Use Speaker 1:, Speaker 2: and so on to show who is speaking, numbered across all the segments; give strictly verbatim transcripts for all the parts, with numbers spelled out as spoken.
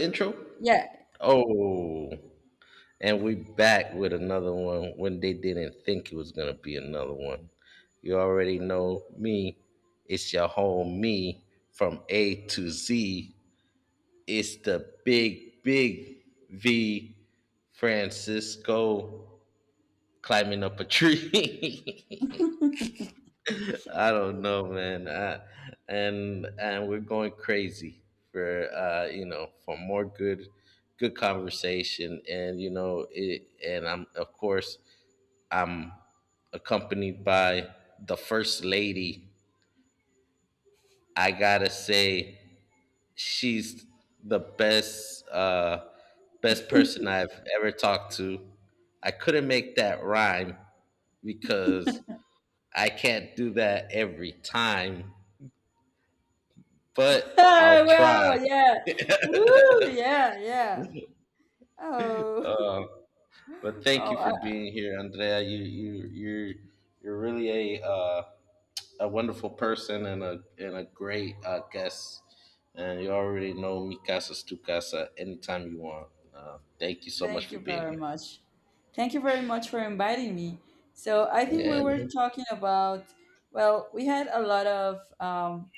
Speaker 1: Intro?
Speaker 2: Yeah.
Speaker 1: Oh, and we back with another one when they didn't think it was gonna be another one. You already know me. It's your home me from A to Z. It's the big, big V Francisco climbing up a tree. I don't know, man. Uh, and and we're going crazy for uh, you know for more good good conversation, and you know it. And I'm of course I'm accompanied by the first lady. I gotta say she's the best uh, best person I've ever talked to. I couldn't make that rhyme because I can't do that every time, but I'll
Speaker 2: Oh, wow.
Speaker 1: try.
Speaker 2: Yeah. Woo. Yeah. Yeah. Oh.
Speaker 1: Uh, but thank
Speaker 2: Oh,
Speaker 1: you for
Speaker 2: I,
Speaker 1: being here, Andrea. You you you're you're really a uh, a wonderful person and a and a great uh, guest. And you already know mi casa's tu casa anytime you want. Uh, thank you so much
Speaker 2: thank
Speaker 1: for
Speaker 2: you
Speaker 1: being
Speaker 2: very
Speaker 1: here.
Speaker 2: much. Thank you very much for inviting me. So I think we
Speaker 1: Yeah.
Speaker 2: were
Speaker 1: Man.
Speaker 2: talking about, well, we had a lot of um,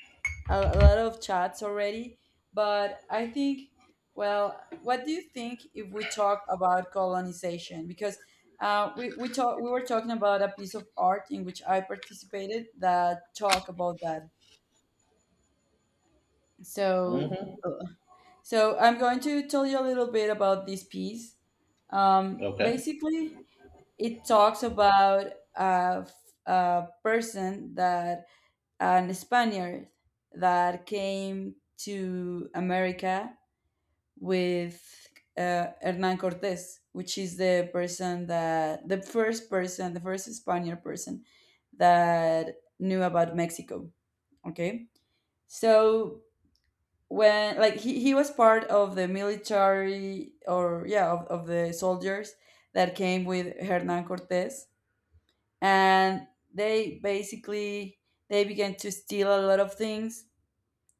Speaker 2: a, a lot of chats already, but I think, well, what do you think if we talk about colonization? Because uh, we we talk, we were talking about a piece of art in which I participated that talk about that. So
Speaker 1: Hmm.
Speaker 2: Uh, so I'm going to tell you a little bit about this piece. Um,
Speaker 1: Okay.
Speaker 2: basically, it talks about a, f- a person that an Spaniard that came to America with uh, Hernan Cortes, which is the person that the first person, the first Spaniard person that knew about Mexico. Okay, so when like he, he was part of the military or yeah of, of the soldiers that came with Hernan Cortes, and they basically, they began to steal a lot of things.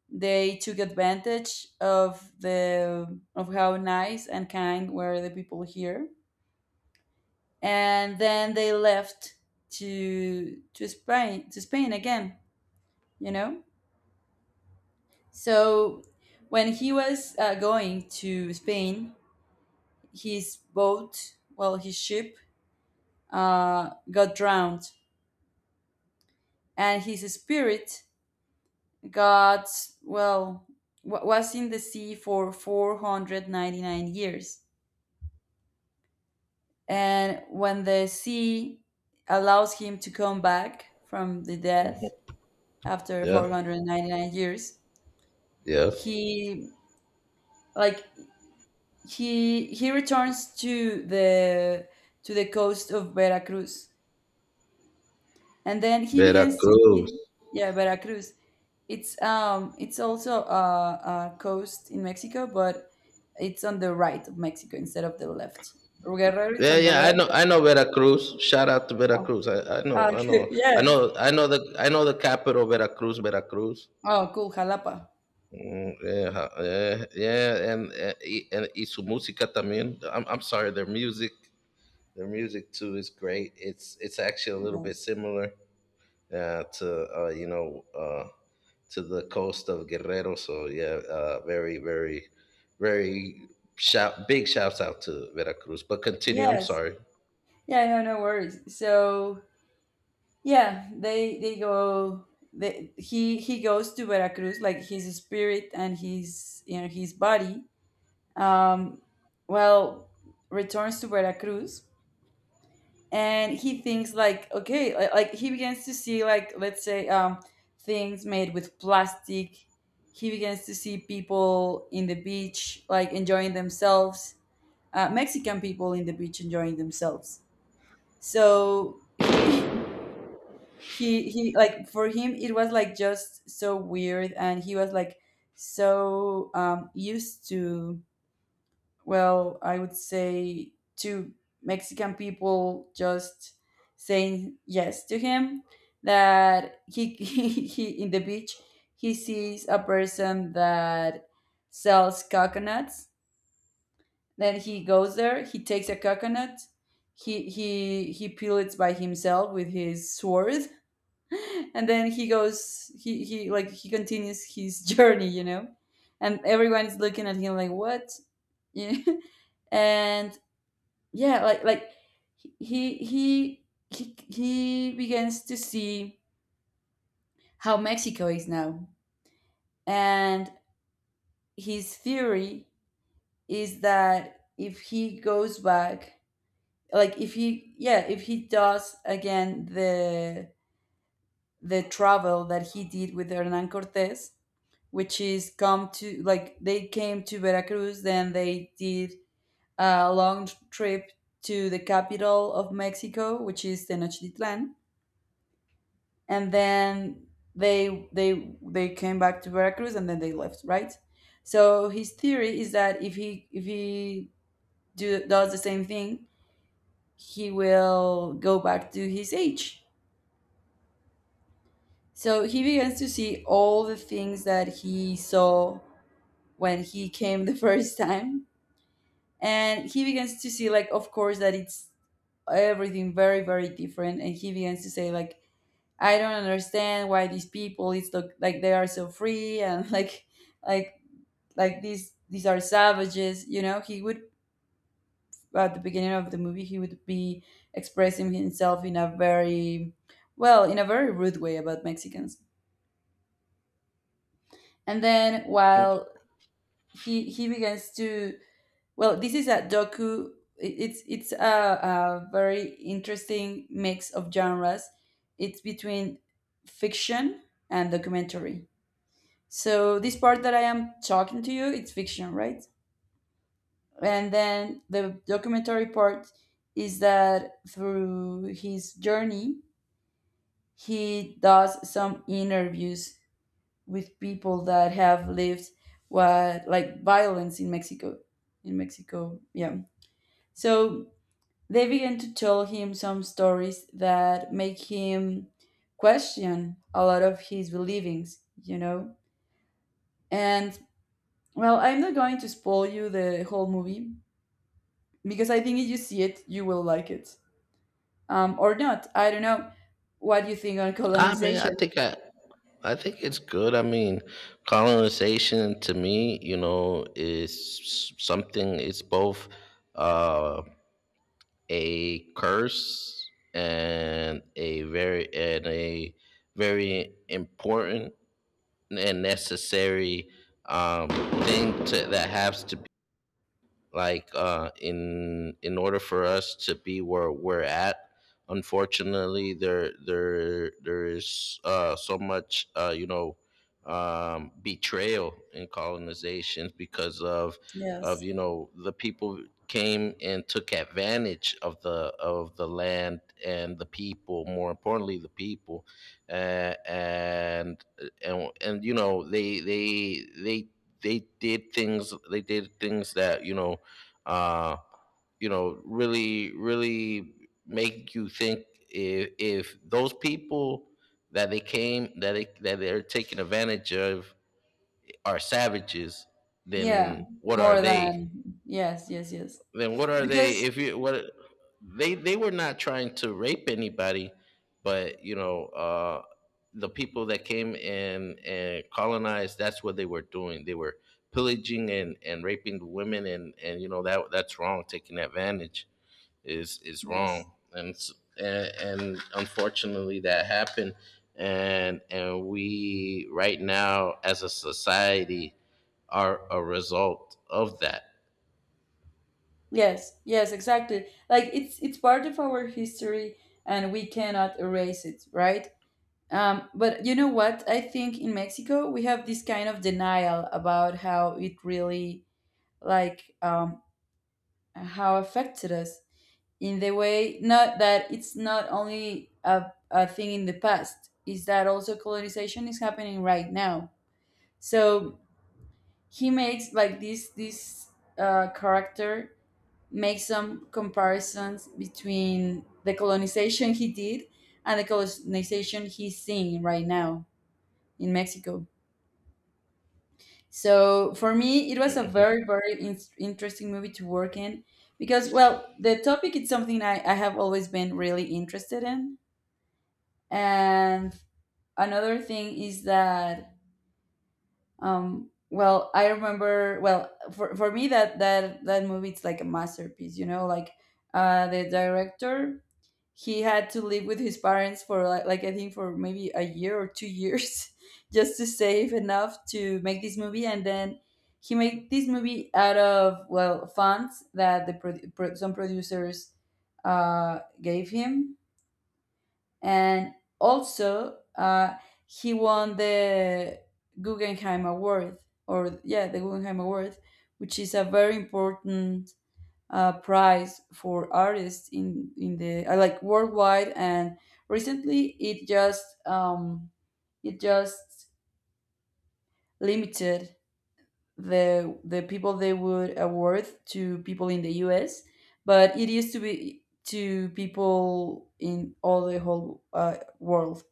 Speaker 2: They took advantage of the of how nice and kind were the people here, and then they left to to spain to Spain again, you know. So when he was uh, going to Spain, his boat, well, his ship, uh, got drowned, and his spirit got, well, wa was in the sea for four hundred ninety-nine years. And when the sea allows him to come back from the
Speaker 1: Hmm.
Speaker 2: death after
Speaker 1: Yeah.
Speaker 2: four hundred ninety-nine years,
Speaker 1: Yeah.
Speaker 2: he, like, he he returns to the to the coast of Veracruz, and then he begins to
Speaker 1: Veracruz.
Speaker 2: see. Yeah, Veracruz, it's um it's also a, a coast in Mexico, but it's on the right of Mexico instead of the left. Guerrero, it's
Speaker 1: Yeah,
Speaker 2: on the
Speaker 1: yeah, I
Speaker 2: left.
Speaker 1: know, I know Veracruz. Shout out to
Speaker 2: Oh,
Speaker 1: Veracruz. I, I
Speaker 2: ah,
Speaker 1: know, I
Speaker 2: okay.
Speaker 1: know, I
Speaker 2: Yes.
Speaker 1: know, I know the, I know the capital, Veracruz, Veracruz.
Speaker 2: Oh, cool. Jalapa.
Speaker 1: Mm, yeah, yeah, yeah, and uh, i- and y su música también. I'm I'm sorry, their music, their music too is great. It's it's actually a little bit
Speaker 2: Yes.
Speaker 1: similar uh, to uh, you know uh, to the coast of Guerrero. So yeah, uh, very very very shout big shouts out to Veracruz. But continue. I'm
Speaker 2: Yes.
Speaker 1: sorry.
Speaker 2: Yeah. No. No worries. So yeah, they they go. They, he he goes to Veracruz, like his spirit and his, you know, his body. Um, well, returns to Veracruz, and he thinks like, okay, li- like he begins to see, like, let's say, um things made with plastic. He begins to see people in the beach like enjoying themselves, uh, Mexican people in the beach enjoying themselves. So he he he like, for him it was like just so weird, and he was like so um used to, well, I would say to Mexican people just saying yes to him, that he, he, he in the beach, he sees a person that sells coconuts. Then he goes there, he takes a coconut, he he he peel it by himself with his sword, and then he goes he, he like he continues his journey, you know? And everyone is looking at him like, what? Yeah. And yeah, like like he he he he begins to see how Mexico is now. And his theory is that if he goes back, like, if he, yeah, if he does again the the travel that he did with Hernan Cortes, which is come to, like, they came to Veracruz, then they did a long trip to the capital of Mexico, which is Tenochtitlan, and then they they they came back to Veracruz and then they left, right? So his theory is that if he if he do, does the same thing, he will go back to his age. So he begins to see all the things that he saw when he came the first time, and he begins to see, like, of course, that it's everything very very different, and he begins to say, like, I don't understand why these people, it's look like they are so free, and like like like these these are savages, you know. He would, at the beginning of the movie, he would be expressing himself in a very, well, in a very rude way about Mexicans. And then while he he begins to, well, this is a docu, it- it's it's a, a very interesting mix of genres. It's between fiction and documentary. So this part that I am talking to you, it's fiction, right? And then the documentary part is that through his journey, he does some interviews with people that have lived what, like, violence in Mexico. In Mexico, yeah. So they began to tell him some stories that make him question a lot of his believings, you know? And well, I'm not going to spoil you the whole movie because I think if you see it, you will like it. Um, or not. I don't know what you think on
Speaker 1: I mean, I,
Speaker 2: colonization.
Speaker 1: think I, I think it's good. I mean, colonization to me, you know, is something. It's both uh, a curse and a very and a very important and necessary um, thing to, that has to like uh, in in order for us to be where we're at. Unfortunately, there there there is uh, so much uh, you know um, betrayal in colonizations because of of
Speaker 2: Yes.
Speaker 1: you know, the people came and took advantage of the of the land and the people, more importantly the people. Uh, and and and you know, they they they they did things they did things that you know uh, you know, really, really make you think, if, if those people that they came that they, that they're taking advantage of are savages,
Speaker 2: Yeah,
Speaker 1: then what are
Speaker 2: more
Speaker 1: they?
Speaker 2: than yes, yes, yes.
Speaker 1: Then what are they?
Speaker 2: Because
Speaker 1: If you what, they they were not trying to rape anybody, but you know, uh, the people that came and and colonized, that's what they were doing. They were pillaging and and raping the women, and and you know, that that's wrong, taking advantage is is
Speaker 2: yes,
Speaker 1: wrong, and and, and unfortunately that happened, and and we right now as a society are a result of that.
Speaker 2: yes, yes, exactly. Like, it's it's part of our history, and we cannot erase it, right? Um, but you know what? I think in Mexico we have this kind of denial about how it really, like, um, how affected us, in the way, not that it's not only a, a thing in the past, is that also colonization is happening right now. So he makes, like, this this uh, character makes some comparisons between the colonization he did and the colonization he's seeing right now in Mexico. So for me it was a
Speaker 1: Mhm.
Speaker 2: very very in- interesting movie to work in, because, well, the topic is something I, I have always been really interested in. And another thing is that, um well, I remember, well, for, for me, that that that movie, it's like a masterpiece, you know, like, uh the director, he had to live with his parents for like, like I think for maybe a year or two years just to save enough to make this movie. And then he made this movie out of, well, funds that the pro- pro- some producers uh gave him. And also uh, he won the Guggenheim Award, or, yeah, the Guggenheim Award, which is a very important uh, prize for artists in in the uh, like worldwide. And recently, it just um, it just limited the the people they would award to people in the U S. But it used to be to people in all the whole uh, world.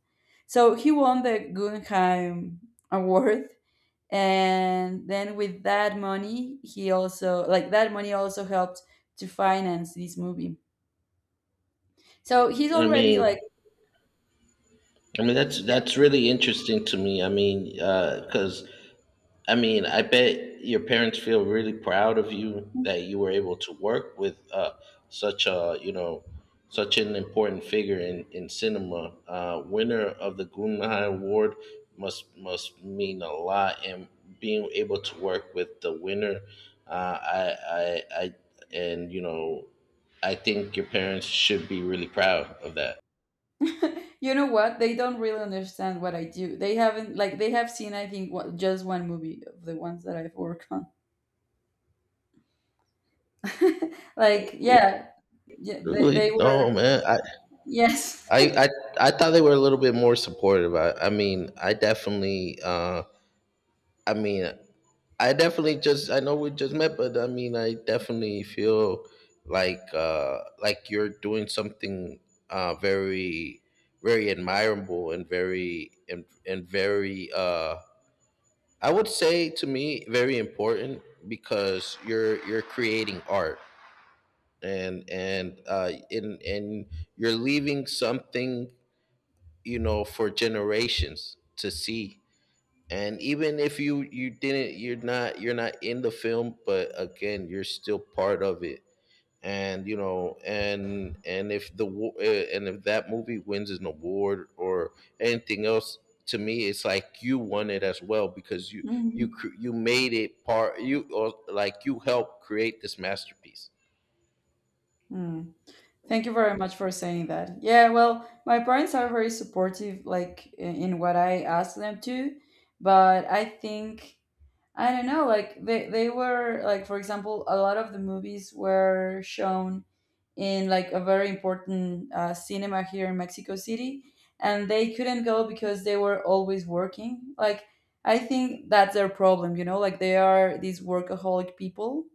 Speaker 2: So he won the Guggenheim Award. And then with that money, he also, like, that money also helped to finance this movie. So he's
Speaker 1: i
Speaker 2: already
Speaker 1: mean
Speaker 2: like,
Speaker 1: i mean that's
Speaker 2: yeah,
Speaker 1: that's really interesting to me. I mean, because I mean, I bet your parents feel really proud of you that you were able to work with uh, such a, you know, such an important figure in, in cinema. Uh, winner of the Guggenheim Award must must mean a lot, and being able to work with the winner, uh, I, I, I, and you know, I think your parents should be really proud of that.
Speaker 2: you know what? They don't really understand what I do. They haven't, like, they have seen, I think, what, just one movie of the ones that I've worked on. Like, yeah, yeah, they, they
Speaker 1: Really? No,
Speaker 2: were,
Speaker 1: man. I,
Speaker 2: yes.
Speaker 1: I, I I thought they were a little bit more supportive. I, I mean, I definitely, uh, I mean, I definitely just, I know we just met, but I mean, I definitely feel like uh, like you're doing something uh, very, very admirable and very and, and very, uh, I would say to me, very important because you're you're creating art and and uh, in and you're leaving something you know for generations to see. And even if you you didn't, you're not, you're not in the film, but again you're still part of it. And you know, and and if the wa- eh, and if that movie wins an award or anything else, to me it's like you won it as well, because you you
Speaker 2: Mhm.
Speaker 1: cr- you made it part you, or like you helped create this masterpiece.
Speaker 2: Mm. Thank you very much for saying that. Yeah, well, my parents are very supportive, like, in in what I ask them to, but I think, I don't know, like, they they were like, for example, a lot of the movies were shown in, like, a very important uh, cinema here in Mexico City, and they couldn't go because they were always working. Like, I think that's their problem, you know, like, they are these workaholic people.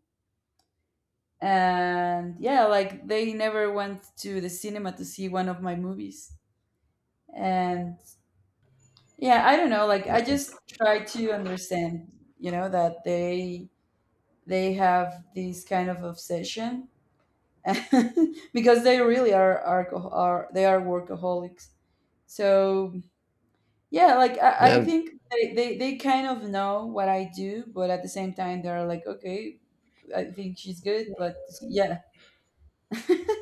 Speaker 2: And yeah, like, they never went to the cinema to see one of my movies. And yeah, I don't know, like, I just try to understand, you know, that they they have this kind of obsession because they really are alcohol are, they are workaholics. So yeah, like, i, I
Speaker 1: Now.
Speaker 2: think they, they they kind of know what I do, but at the same time they're like, okay, I think she's good, but yeah.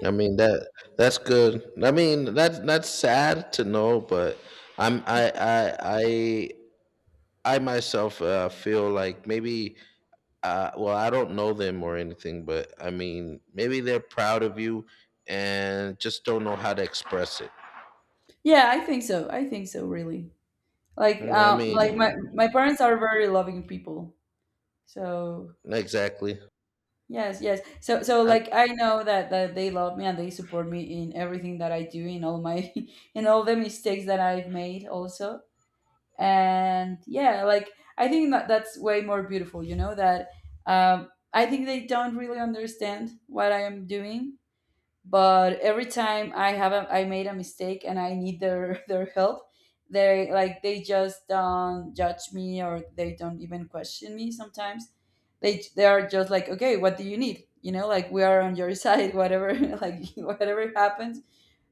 Speaker 1: I mean that, that's good. I mean, that's that's sad to know, but I'm I I I I myself uh, feel like maybe uh, well, I don't know them or anything, but I mean maybe they're proud of you and just don't know how to express it.
Speaker 2: Yeah, i think so I think so, really.
Speaker 1: You
Speaker 2: Like,
Speaker 1: know what I
Speaker 2: um like, my
Speaker 1: mean.
Speaker 2: my parents are very loving people. So
Speaker 1: Exactly.
Speaker 2: yes, yes. So, so,
Speaker 1: I'm.
Speaker 2: like, I know that that they love me and they support me in everything that I do, in all my in all the mistakes that I've made also. And yeah, like, I think that that's way more beautiful, you know, that, um I think they don't really understand what I am doing, but every time I have a, I made a mistake and I need their their help, they, like, they just don't judge me or they don't even question me. Sometimes they they are just like, okay, what do you need? You know, like, we are on your side. Whatever, like, whatever happens,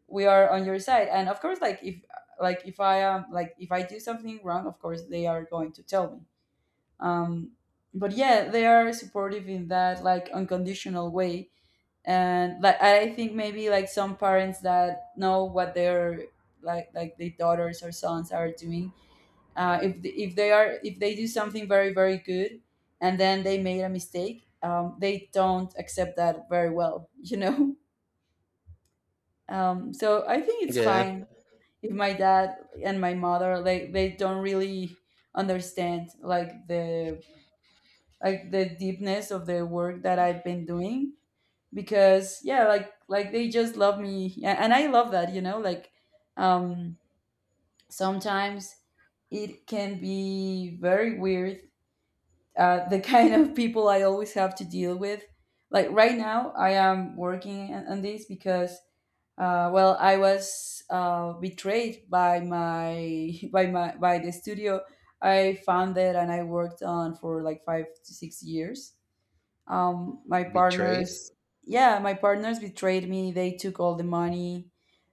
Speaker 2: we are on your side. And of course, like if like if I am, like, if I do something wrong, of course they are going to tell me. Um, but yeah, they are supportive in that, like, unconditional way. And like I think maybe like some parents that know what their like like their daughters or sons are doing, uh, if the, if they are if they do something very, very good and then they made a mistake, um, they don't accept that very well, you know. um, so i think it's
Speaker 1: Yeah.
Speaker 2: fine if my dad and my mother, like, they don't really understand, like, the like the deepness of the work that I've been doing. Because yeah, like like they just love me, yeah, and I love that, you know like um sometimes it can be very weird, uh the kind of people I always have to deal with. Like right now I am working on, on this because uh well, I was uh betrayed by my by my by the studio I founded and I worked on for like five to six years. Um my
Speaker 1: Betrayed.
Speaker 2: partners... yeah, my partners betrayed me. They took all the money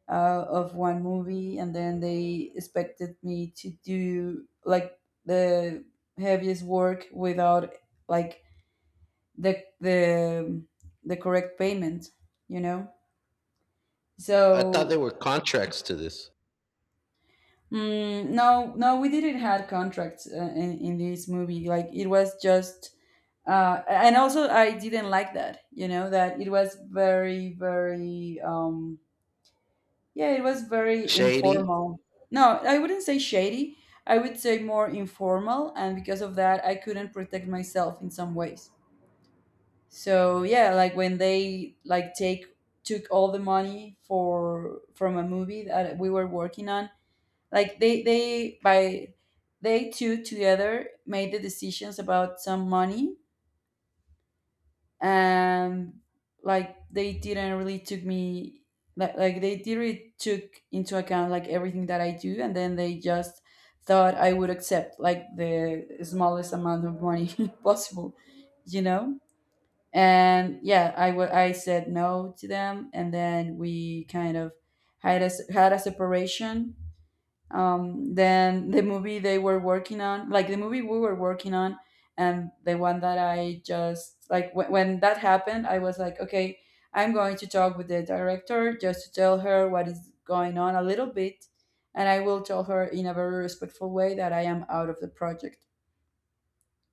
Speaker 2: uh, of one movie, and then they expected me to do like the heaviest work without like the the the correct payment, you know.
Speaker 1: I thought there
Speaker 2: So
Speaker 1: were contracts to this.
Speaker 2: mm, no, no, we didn't had contracts uh, in, in this movie, like it was just... uh, and also I didn't like that, you know, that it was very, very um yeah, it was very
Speaker 1: Shady.
Speaker 2: informal. No, I wouldn't say shady. I would say more informal, and because of that I couldn't protect myself in some ways. So yeah, like when they like take took all the money for from a movie that we were working on, like they they by they two together made the decisions about some money. And like they didn't really took me, like, like they didn't really took into account like everything that I do, and then they just thought I would accept like the smallest amount of money possible, you know. And yeah, i wa- I said no to them, and then we kind of had a s- had a separation. Um, then the movie they were working on, like the movie we were working on, and the one that I just like w- when that happened, I was like, okay, I'm going to talk with the director just to tell her what is going on a little bit, and I will tell her in a very respectful way that I am out of the project.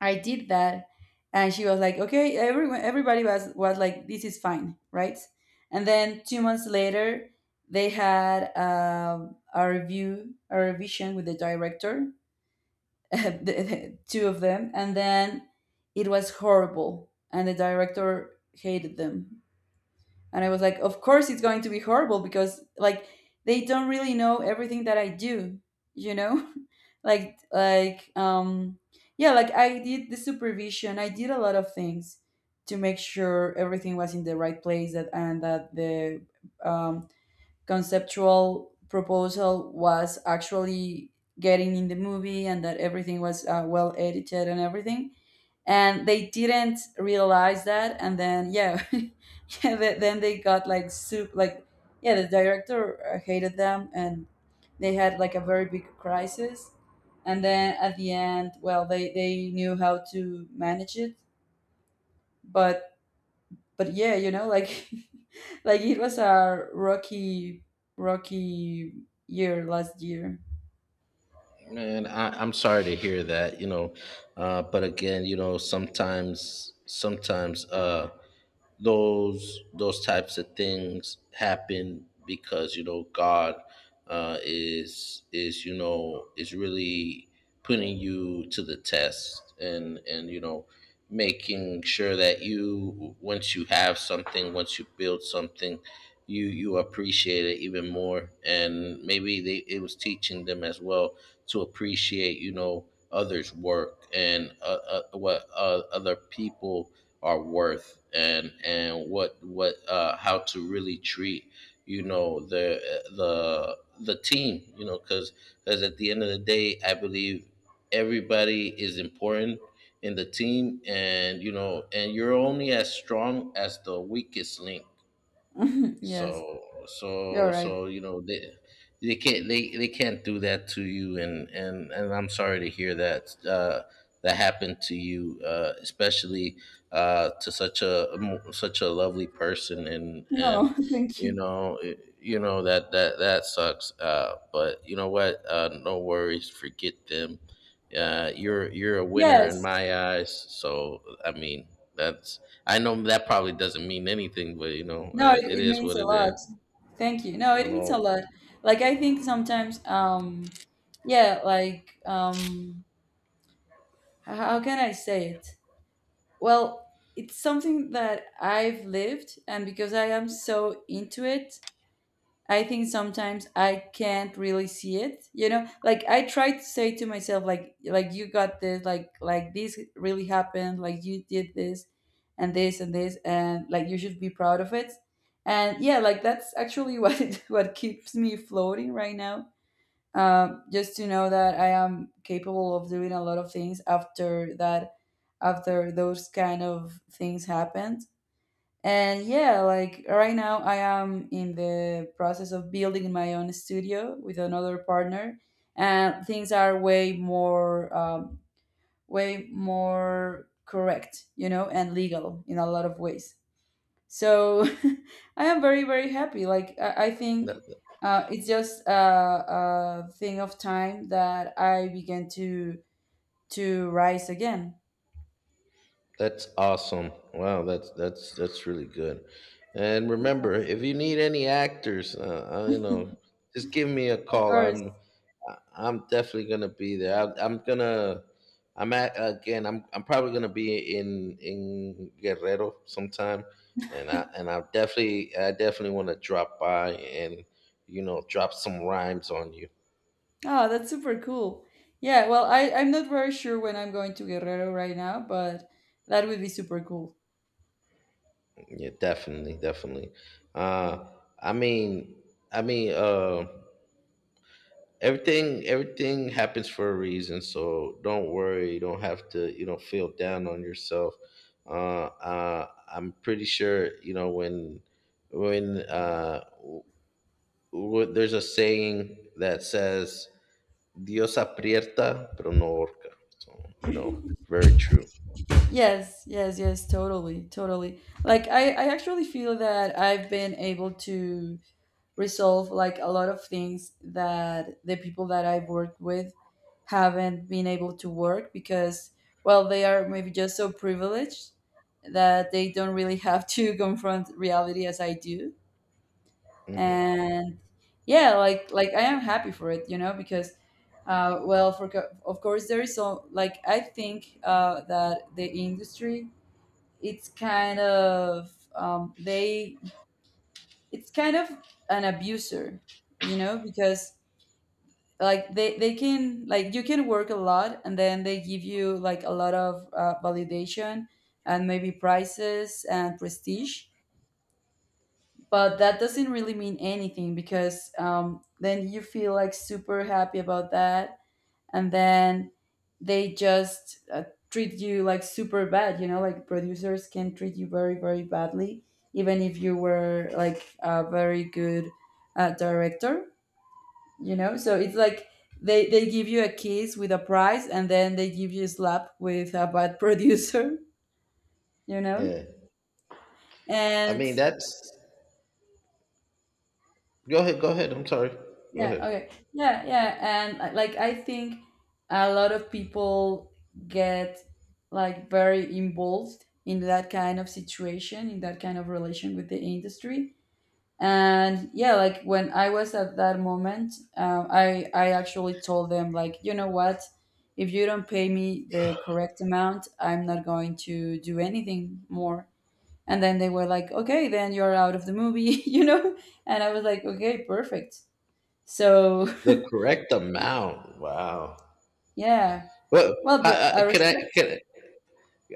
Speaker 2: I did that, and she was like, "Okay, everyone, everybody was was like, this is fine, right?" And then two months later, they had um, a review, a revision with the director, the, the- two of them, and then it was horrible, and the director hated them, and I was like, of course it's going to be horrible, because like they don't really know everything that I do, you know? like like um yeah, like I did the supervision. I did a lot of things to make sure everything was in the right place, that and that the um conceptual proposal was actually getting in the movie, and that everything was uh, well edited and everything. And they didn't realize that, and then yeah, yeah th- then they got like soup, like... yeah, the director uh, hated them, and they had like a very big crisis. And then at the end, well, they they knew how to manage it. But but yeah, you know, like like it was a rocky rocky year last year.
Speaker 1: Man, I, I'm sorry to hear that, you know. Uh, but again, you know, sometimes, sometimes, uh, those those types of things happen because you know God uh, is is you know is really putting you to the test, and and you know, making sure that you, once you have something, once you build something, you you appreciate it even more, and maybe they, it was teaching them as well to appreciate, you know, others' work, and uh, uh, what uh, other people are worth, and and what what uh, how to really treat, you know, the the the team, you know, because because at the end of the day, I believe everybody is important in the team, and you know, and you're only as strong as the weakest link.
Speaker 2: Yes,
Speaker 1: so
Speaker 2: you're
Speaker 1: so
Speaker 2: right.
Speaker 1: so you know, they they can't they, they can't do that to you, and and and I'm sorry to hear that uh, that happened to you, uh, especially uh, to such a mo- such a lovely person and and
Speaker 2: No, thank
Speaker 1: you
Speaker 2: you.
Speaker 1: know it- you know that that that sucks. Uh, but you know what, uh, no worries, forget them. Uh, you're you're a winner in
Speaker 2: Yes.
Speaker 1: my eyes, so I mean that's, I know that probably doesn't mean anything, but you know,
Speaker 2: No,
Speaker 1: uh,
Speaker 2: it,
Speaker 1: it
Speaker 2: it
Speaker 1: is
Speaker 2: means
Speaker 1: what
Speaker 2: a
Speaker 1: it
Speaker 2: lot.
Speaker 1: is.
Speaker 2: Thank you. No, it
Speaker 1: You
Speaker 2: means a
Speaker 1: know,
Speaker 2: lot. Like I think sometimes, um yeah like um h- how can I say it? Well, it's something that I've lived, and because I am so into it, I think sometimes I can't really see it. You know, like I try to say to myself, like, like you got this, like, like this really happened, like you did this, and this and this, and like you should be proud of it. And yeah, like that's actually what it, what keeps me floating right now. Um, just to know that I am capable of doing a lot of things after that, after those kind of things happened. And yeah, like right now I am in the process of building my own studio with another partner, and things are way more, um, way more correct, you know, and legal in a lot of ways. So I am very, very happy. Like I, I think
Speaker 1: that,
Speaker 2: uh, it's just a, a thing of time that I began to to rise again.
Speaker 1: that's awesome. Wow, that's that's that's really good. And
Speaker 2: Yeah.
Speaker 1: remember, if you need any actors, uh, uh, you know, just give me a
Speaker 2: Of
Speaker 1: call.
Speaker 2: course.
Speaker 1: I'm I- I'm definitely gonna be there. I, I'm gonna I'm at again. I'm I'm probably gonna be in in Guerrero sometime, and I and I definitely, I definitely want to drop by and you know drop some rhymes on you.
Speaker 2: Oh, that's super cool. Yeah, well, I, I'm not very sure when I'm going to Guerrero right now, but that would be super cool.
Speaker 1: Yeah, definitely, definitely. Uh, I mean, I mean, uh, everything, everything happens for a reason. So don't worry. You don't have to, you know, feel down on yourself. Uh, uh, I'm pretty sure, you know, when, when, uh, wh- there's a saying that says, "Dios aprieta, pero no orca." So you know, very true.
Speaker 2: Yes, yes, yes, totally, totally. Like, I, I actually feel that I've been able to resolve, like, a lot of things that the people that I've worked with haven't been able to work because, well, they are maybe just so privileged that they don't really have to confront reality as I do.
Speaker 1: Hmm.
Speaker 2: And yeah, like like I am happy for it, you know. Because uh, well, for co- of course there is, so like I think uh, that the industry, it's kind of, um, they it's kind of an abuser, you know, because like they they can like you can work a lot, and then they give you like a lot of uh, validation and maybe prices and prestige, but that doesn't really mean anything because, um, then you feel like super happy about that, and then they just uh, treat you like super bad, you know, like producers can treat you very, very badly, even if you were like a very good uh, director, you know. So it's like they, they give you a kiss with a prize, and then they give you a slap with a bad producer, you know.
Speaker 1: Yeah. I
Speaker 2: And
Speaker 1: mean, that's. Go ahead. Go ahead. I'm sorry. Go
Speaker 2: yeah,
Speaker 1: ahead.
Speaker 2: okay. Yeah, yeah. And uh, like I think a lot of people get like very involved in that kind of situation, in that kind of relation with the industry. And yeah, like when I was at that moment, um, I I actually told them like, you know what? If you don't pay me the correct amount, I'm not going to do anything more. And then they were like, okay, then you're out of the movie, you know? And I was like, okay, perfect. So
Speaker 1: The correct amount. Wow.
Speaker 2: yeah.
Speaker 1: Well,
Speaker 2: Well, the
Speaker 1: I, I,
Speaker 2: uh,
Speaker 1: can I?
Speaker 2: respect.
Speaker 1: Can I,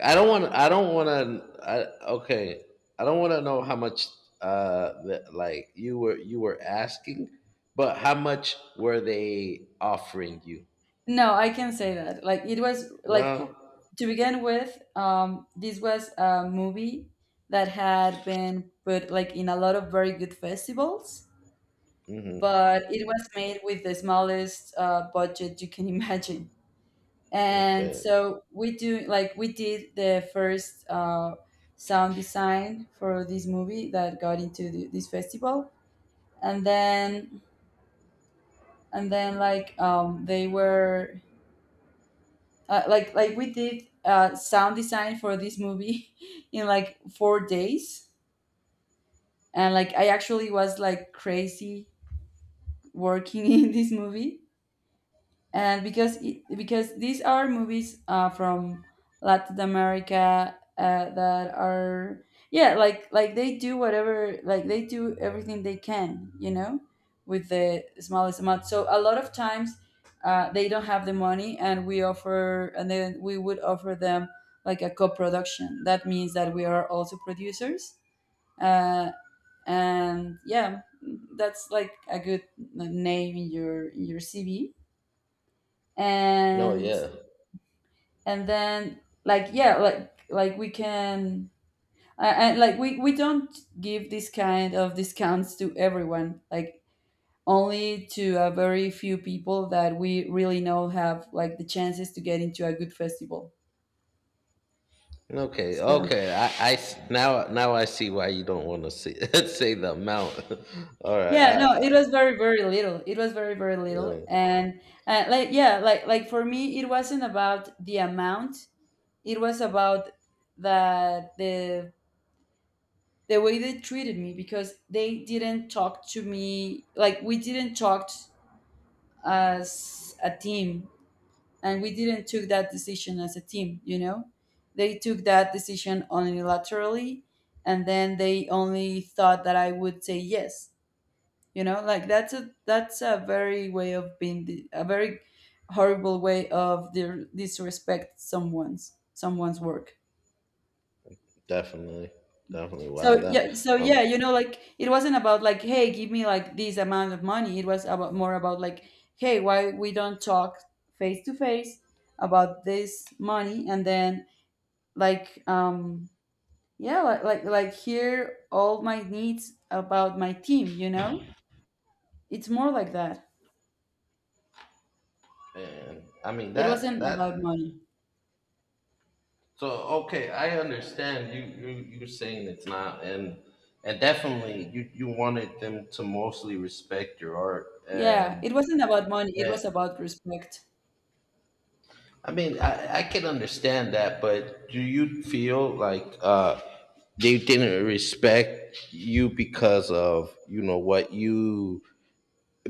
Speaker 1: I don't want. I don't want to. I, okay. I don't want to know how much. Uh, that, like you were you were asking, but how much were they offering you?
Speaker 2: No, I can say that. Like it was like,
Speaker 1: Well,
Speaker 2: to begin with, um, this was a movie that had been put like in a lot of very good festivals,
Speaker 1: mm-hmm.
Speaker 2: but it was made with the smallest uh, budget you can imagine. And
Speaker 1: Okay.
Speaker 2: so we do like we did the first uh, sound design for this movie that got into the, this festival. And then and then like um, they were uh, like like we did uh, sound design for this movie in like four days. And like I actually was like crazy working in this movie. And because it, because these are movies uh, from Latin America, uh, that are... yeah, like like they do whatever, like they do everything they can, you know, with the smallest amount. So a lot of times uh, they don't have the money, and we offer and then we would offer them like a co-production, that means that we are also producers, uh, and yeah, that's like a good, like, name in your in your C V.
Speaker 1: No,
Speaker 2: and
Speaker 1: yeah.
Speaker 2: and then like, yeah, like like we can and like we we don't give this kind of discounts to everyone, like only to a very few people that we really know have like the chances to get into a good festival.
Speaker 1: Okay,
Speaker 2: So
Speaker 1: okay. I, I s- now now I see why you don't want to say say the amount. All right. I,
Speaker 2: yeah, no, it
Speaker 1: I,
Speaker 2: was very, very little, it was very, very little.
Speaker 1: yeah,
Speaker 2: And uh, like yeah, like like for me it wasn't about the amount, it was about that the the way they treated me, because they didn't talk to me, like we didn't talk as a team, and we didn't took that decision as a team, you know. They took that decision unilaterally, and then they only thought that I would say yes, you know. Like that's a, that's a very way of being di- a very horrible way of their disrespect someone's someone's work.
Speaker 1: definitely, definitely. Wow.
Speaker 2: So
Speaker 1: That
Speaker 2: yeah, so
Speaker 1: um.
Speaker 2: yeah, you know, like it wasn't about like, hey, give me like this amount of money. It was about more about like, hey, why we don't talk face to face about this money, and then like um yeah, like like like hear all my needs about my team, you know? It's more like that.
Speaker 1: And I mean
Speaker 2: It
Speaker 1: that
Speaker 2: wasn't about
Speaker 1: that,
Speaker 2: money.
Speaker 1: so okay, I understand you, you you saying it's not, and and definitely you you wanted them to mostly respect your art,
Speaker 2: Yeah,
Speaker 1: and,
Speaker 2: it wasn't about money. It
Speaker 1: and
Speaker 2: was about respect.
Speaker 1: I mean I I can understand that, but do you feel like uh they didn't respect you because of you know what you,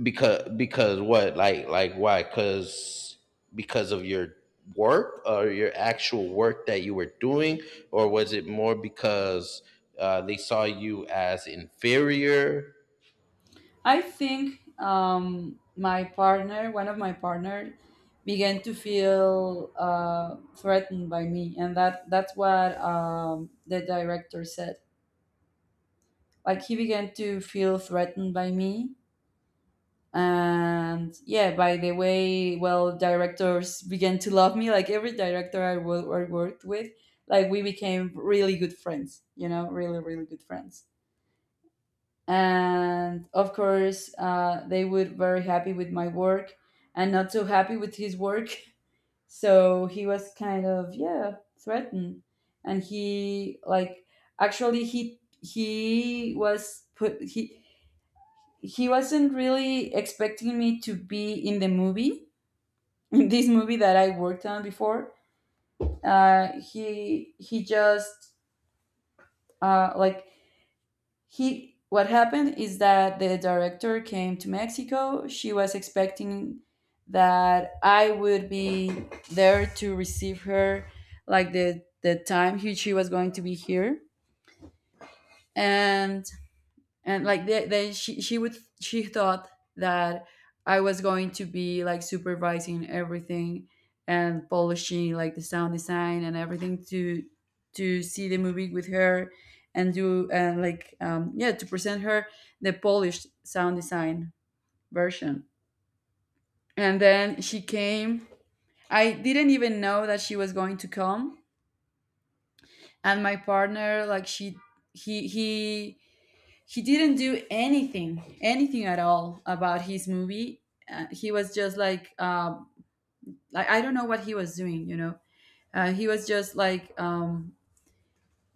Speaker 1: because because what, like like why, because because of your work or your actual work that you were doing, or was it more because uh, they saw you as inferior.
Speaker 2: I think, um, my partner, one of my partner, began to feel uh, threatened by me, and that that's what, um, the director said. Like he began to feel threatened by me, and yeah, by the way, well, directors began to love me. Like every director I wo- I worked with, like we became really good friends. You know, really, really good friends. And of course uh, they were very happy with my work, and not so happy with his work. So he was kind of, yeah, threatened. And he like, actually he he was put he he wasn't really expecting me to be in the movie in this movie that I worked on before. Uh, he he just uh, like he What happened is that the director came to Mexico, she was expecting that I would be there to receive her, like the the time, he, she was going to be here. And and like they, they she she would she thought that I was going to be like supervising everything and polishing like the sound design and everything to to see the movie with her, and do, and like, um, yeah, to present her the polished sound design version. And then she came, I didn't even know that she was going to come. And my partner, like she he he he didn't do anything anything at all about his movie. Uh, he was just like, um like, I don't know what he was doing, you know. Uh, he was just like, um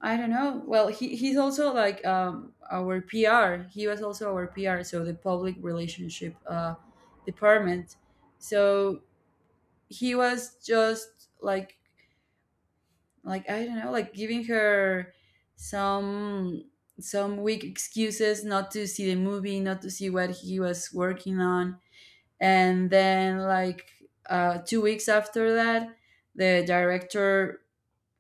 Speaker 2: I don't know. Well, he, he's also, like, um our P R. He was also our P R, so the public relationship uh department. So he was just like, like I don't know, like giving her some some weak excuses, not to see the movie, not to see what he was working on. And then like, uh, two weeks after that, the director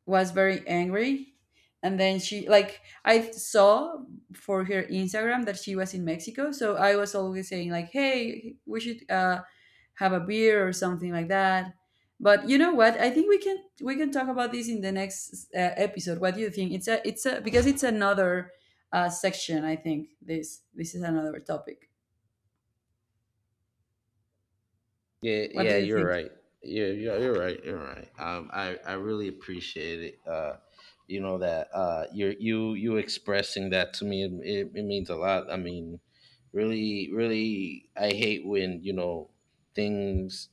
Speaker 2: was very angry. And then she, like, I saw for her Instagram that she was in Mexico, so I was always saying like, hey, we should uh, have a beer or something like that. But you know what, I think we can we can talk about this in the next uh, episode. What do you think? It's a it's a Because it's another uh, section, I think. This this is another topic.
Speaker 1: Yeah,
Speaker 2: What do
Speaker 1: yeah,
Speaker 2: you
Speaker 1: you're
Speaker 2: think?
Speaker 1: right. Yeah, you're, you're right. You're right. Um, I, I really appreciate it. Uh, you know that uh, you're you you expressing that to me. It, it, it means a lot. I mean, really, really, I hate when you know things,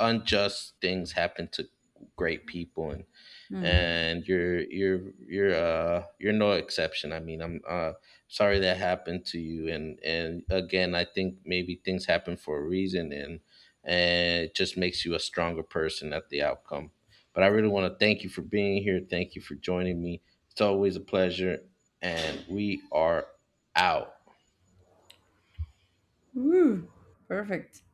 Speaker 1: unjust things happen to great people, and
Speaker 2: Hmm.
Speaker 1: and you're you're you're uh you're no exception. I mean, I'm uh sorry that happened to you, and and again, I think maybe things happen for a reason, and and it just makes you a stronger person at the outcome. But I really want to thank you for being here. Thank you for joining me. It's always a pleasure, and we are out.
Speaker 2: Woo, perfect.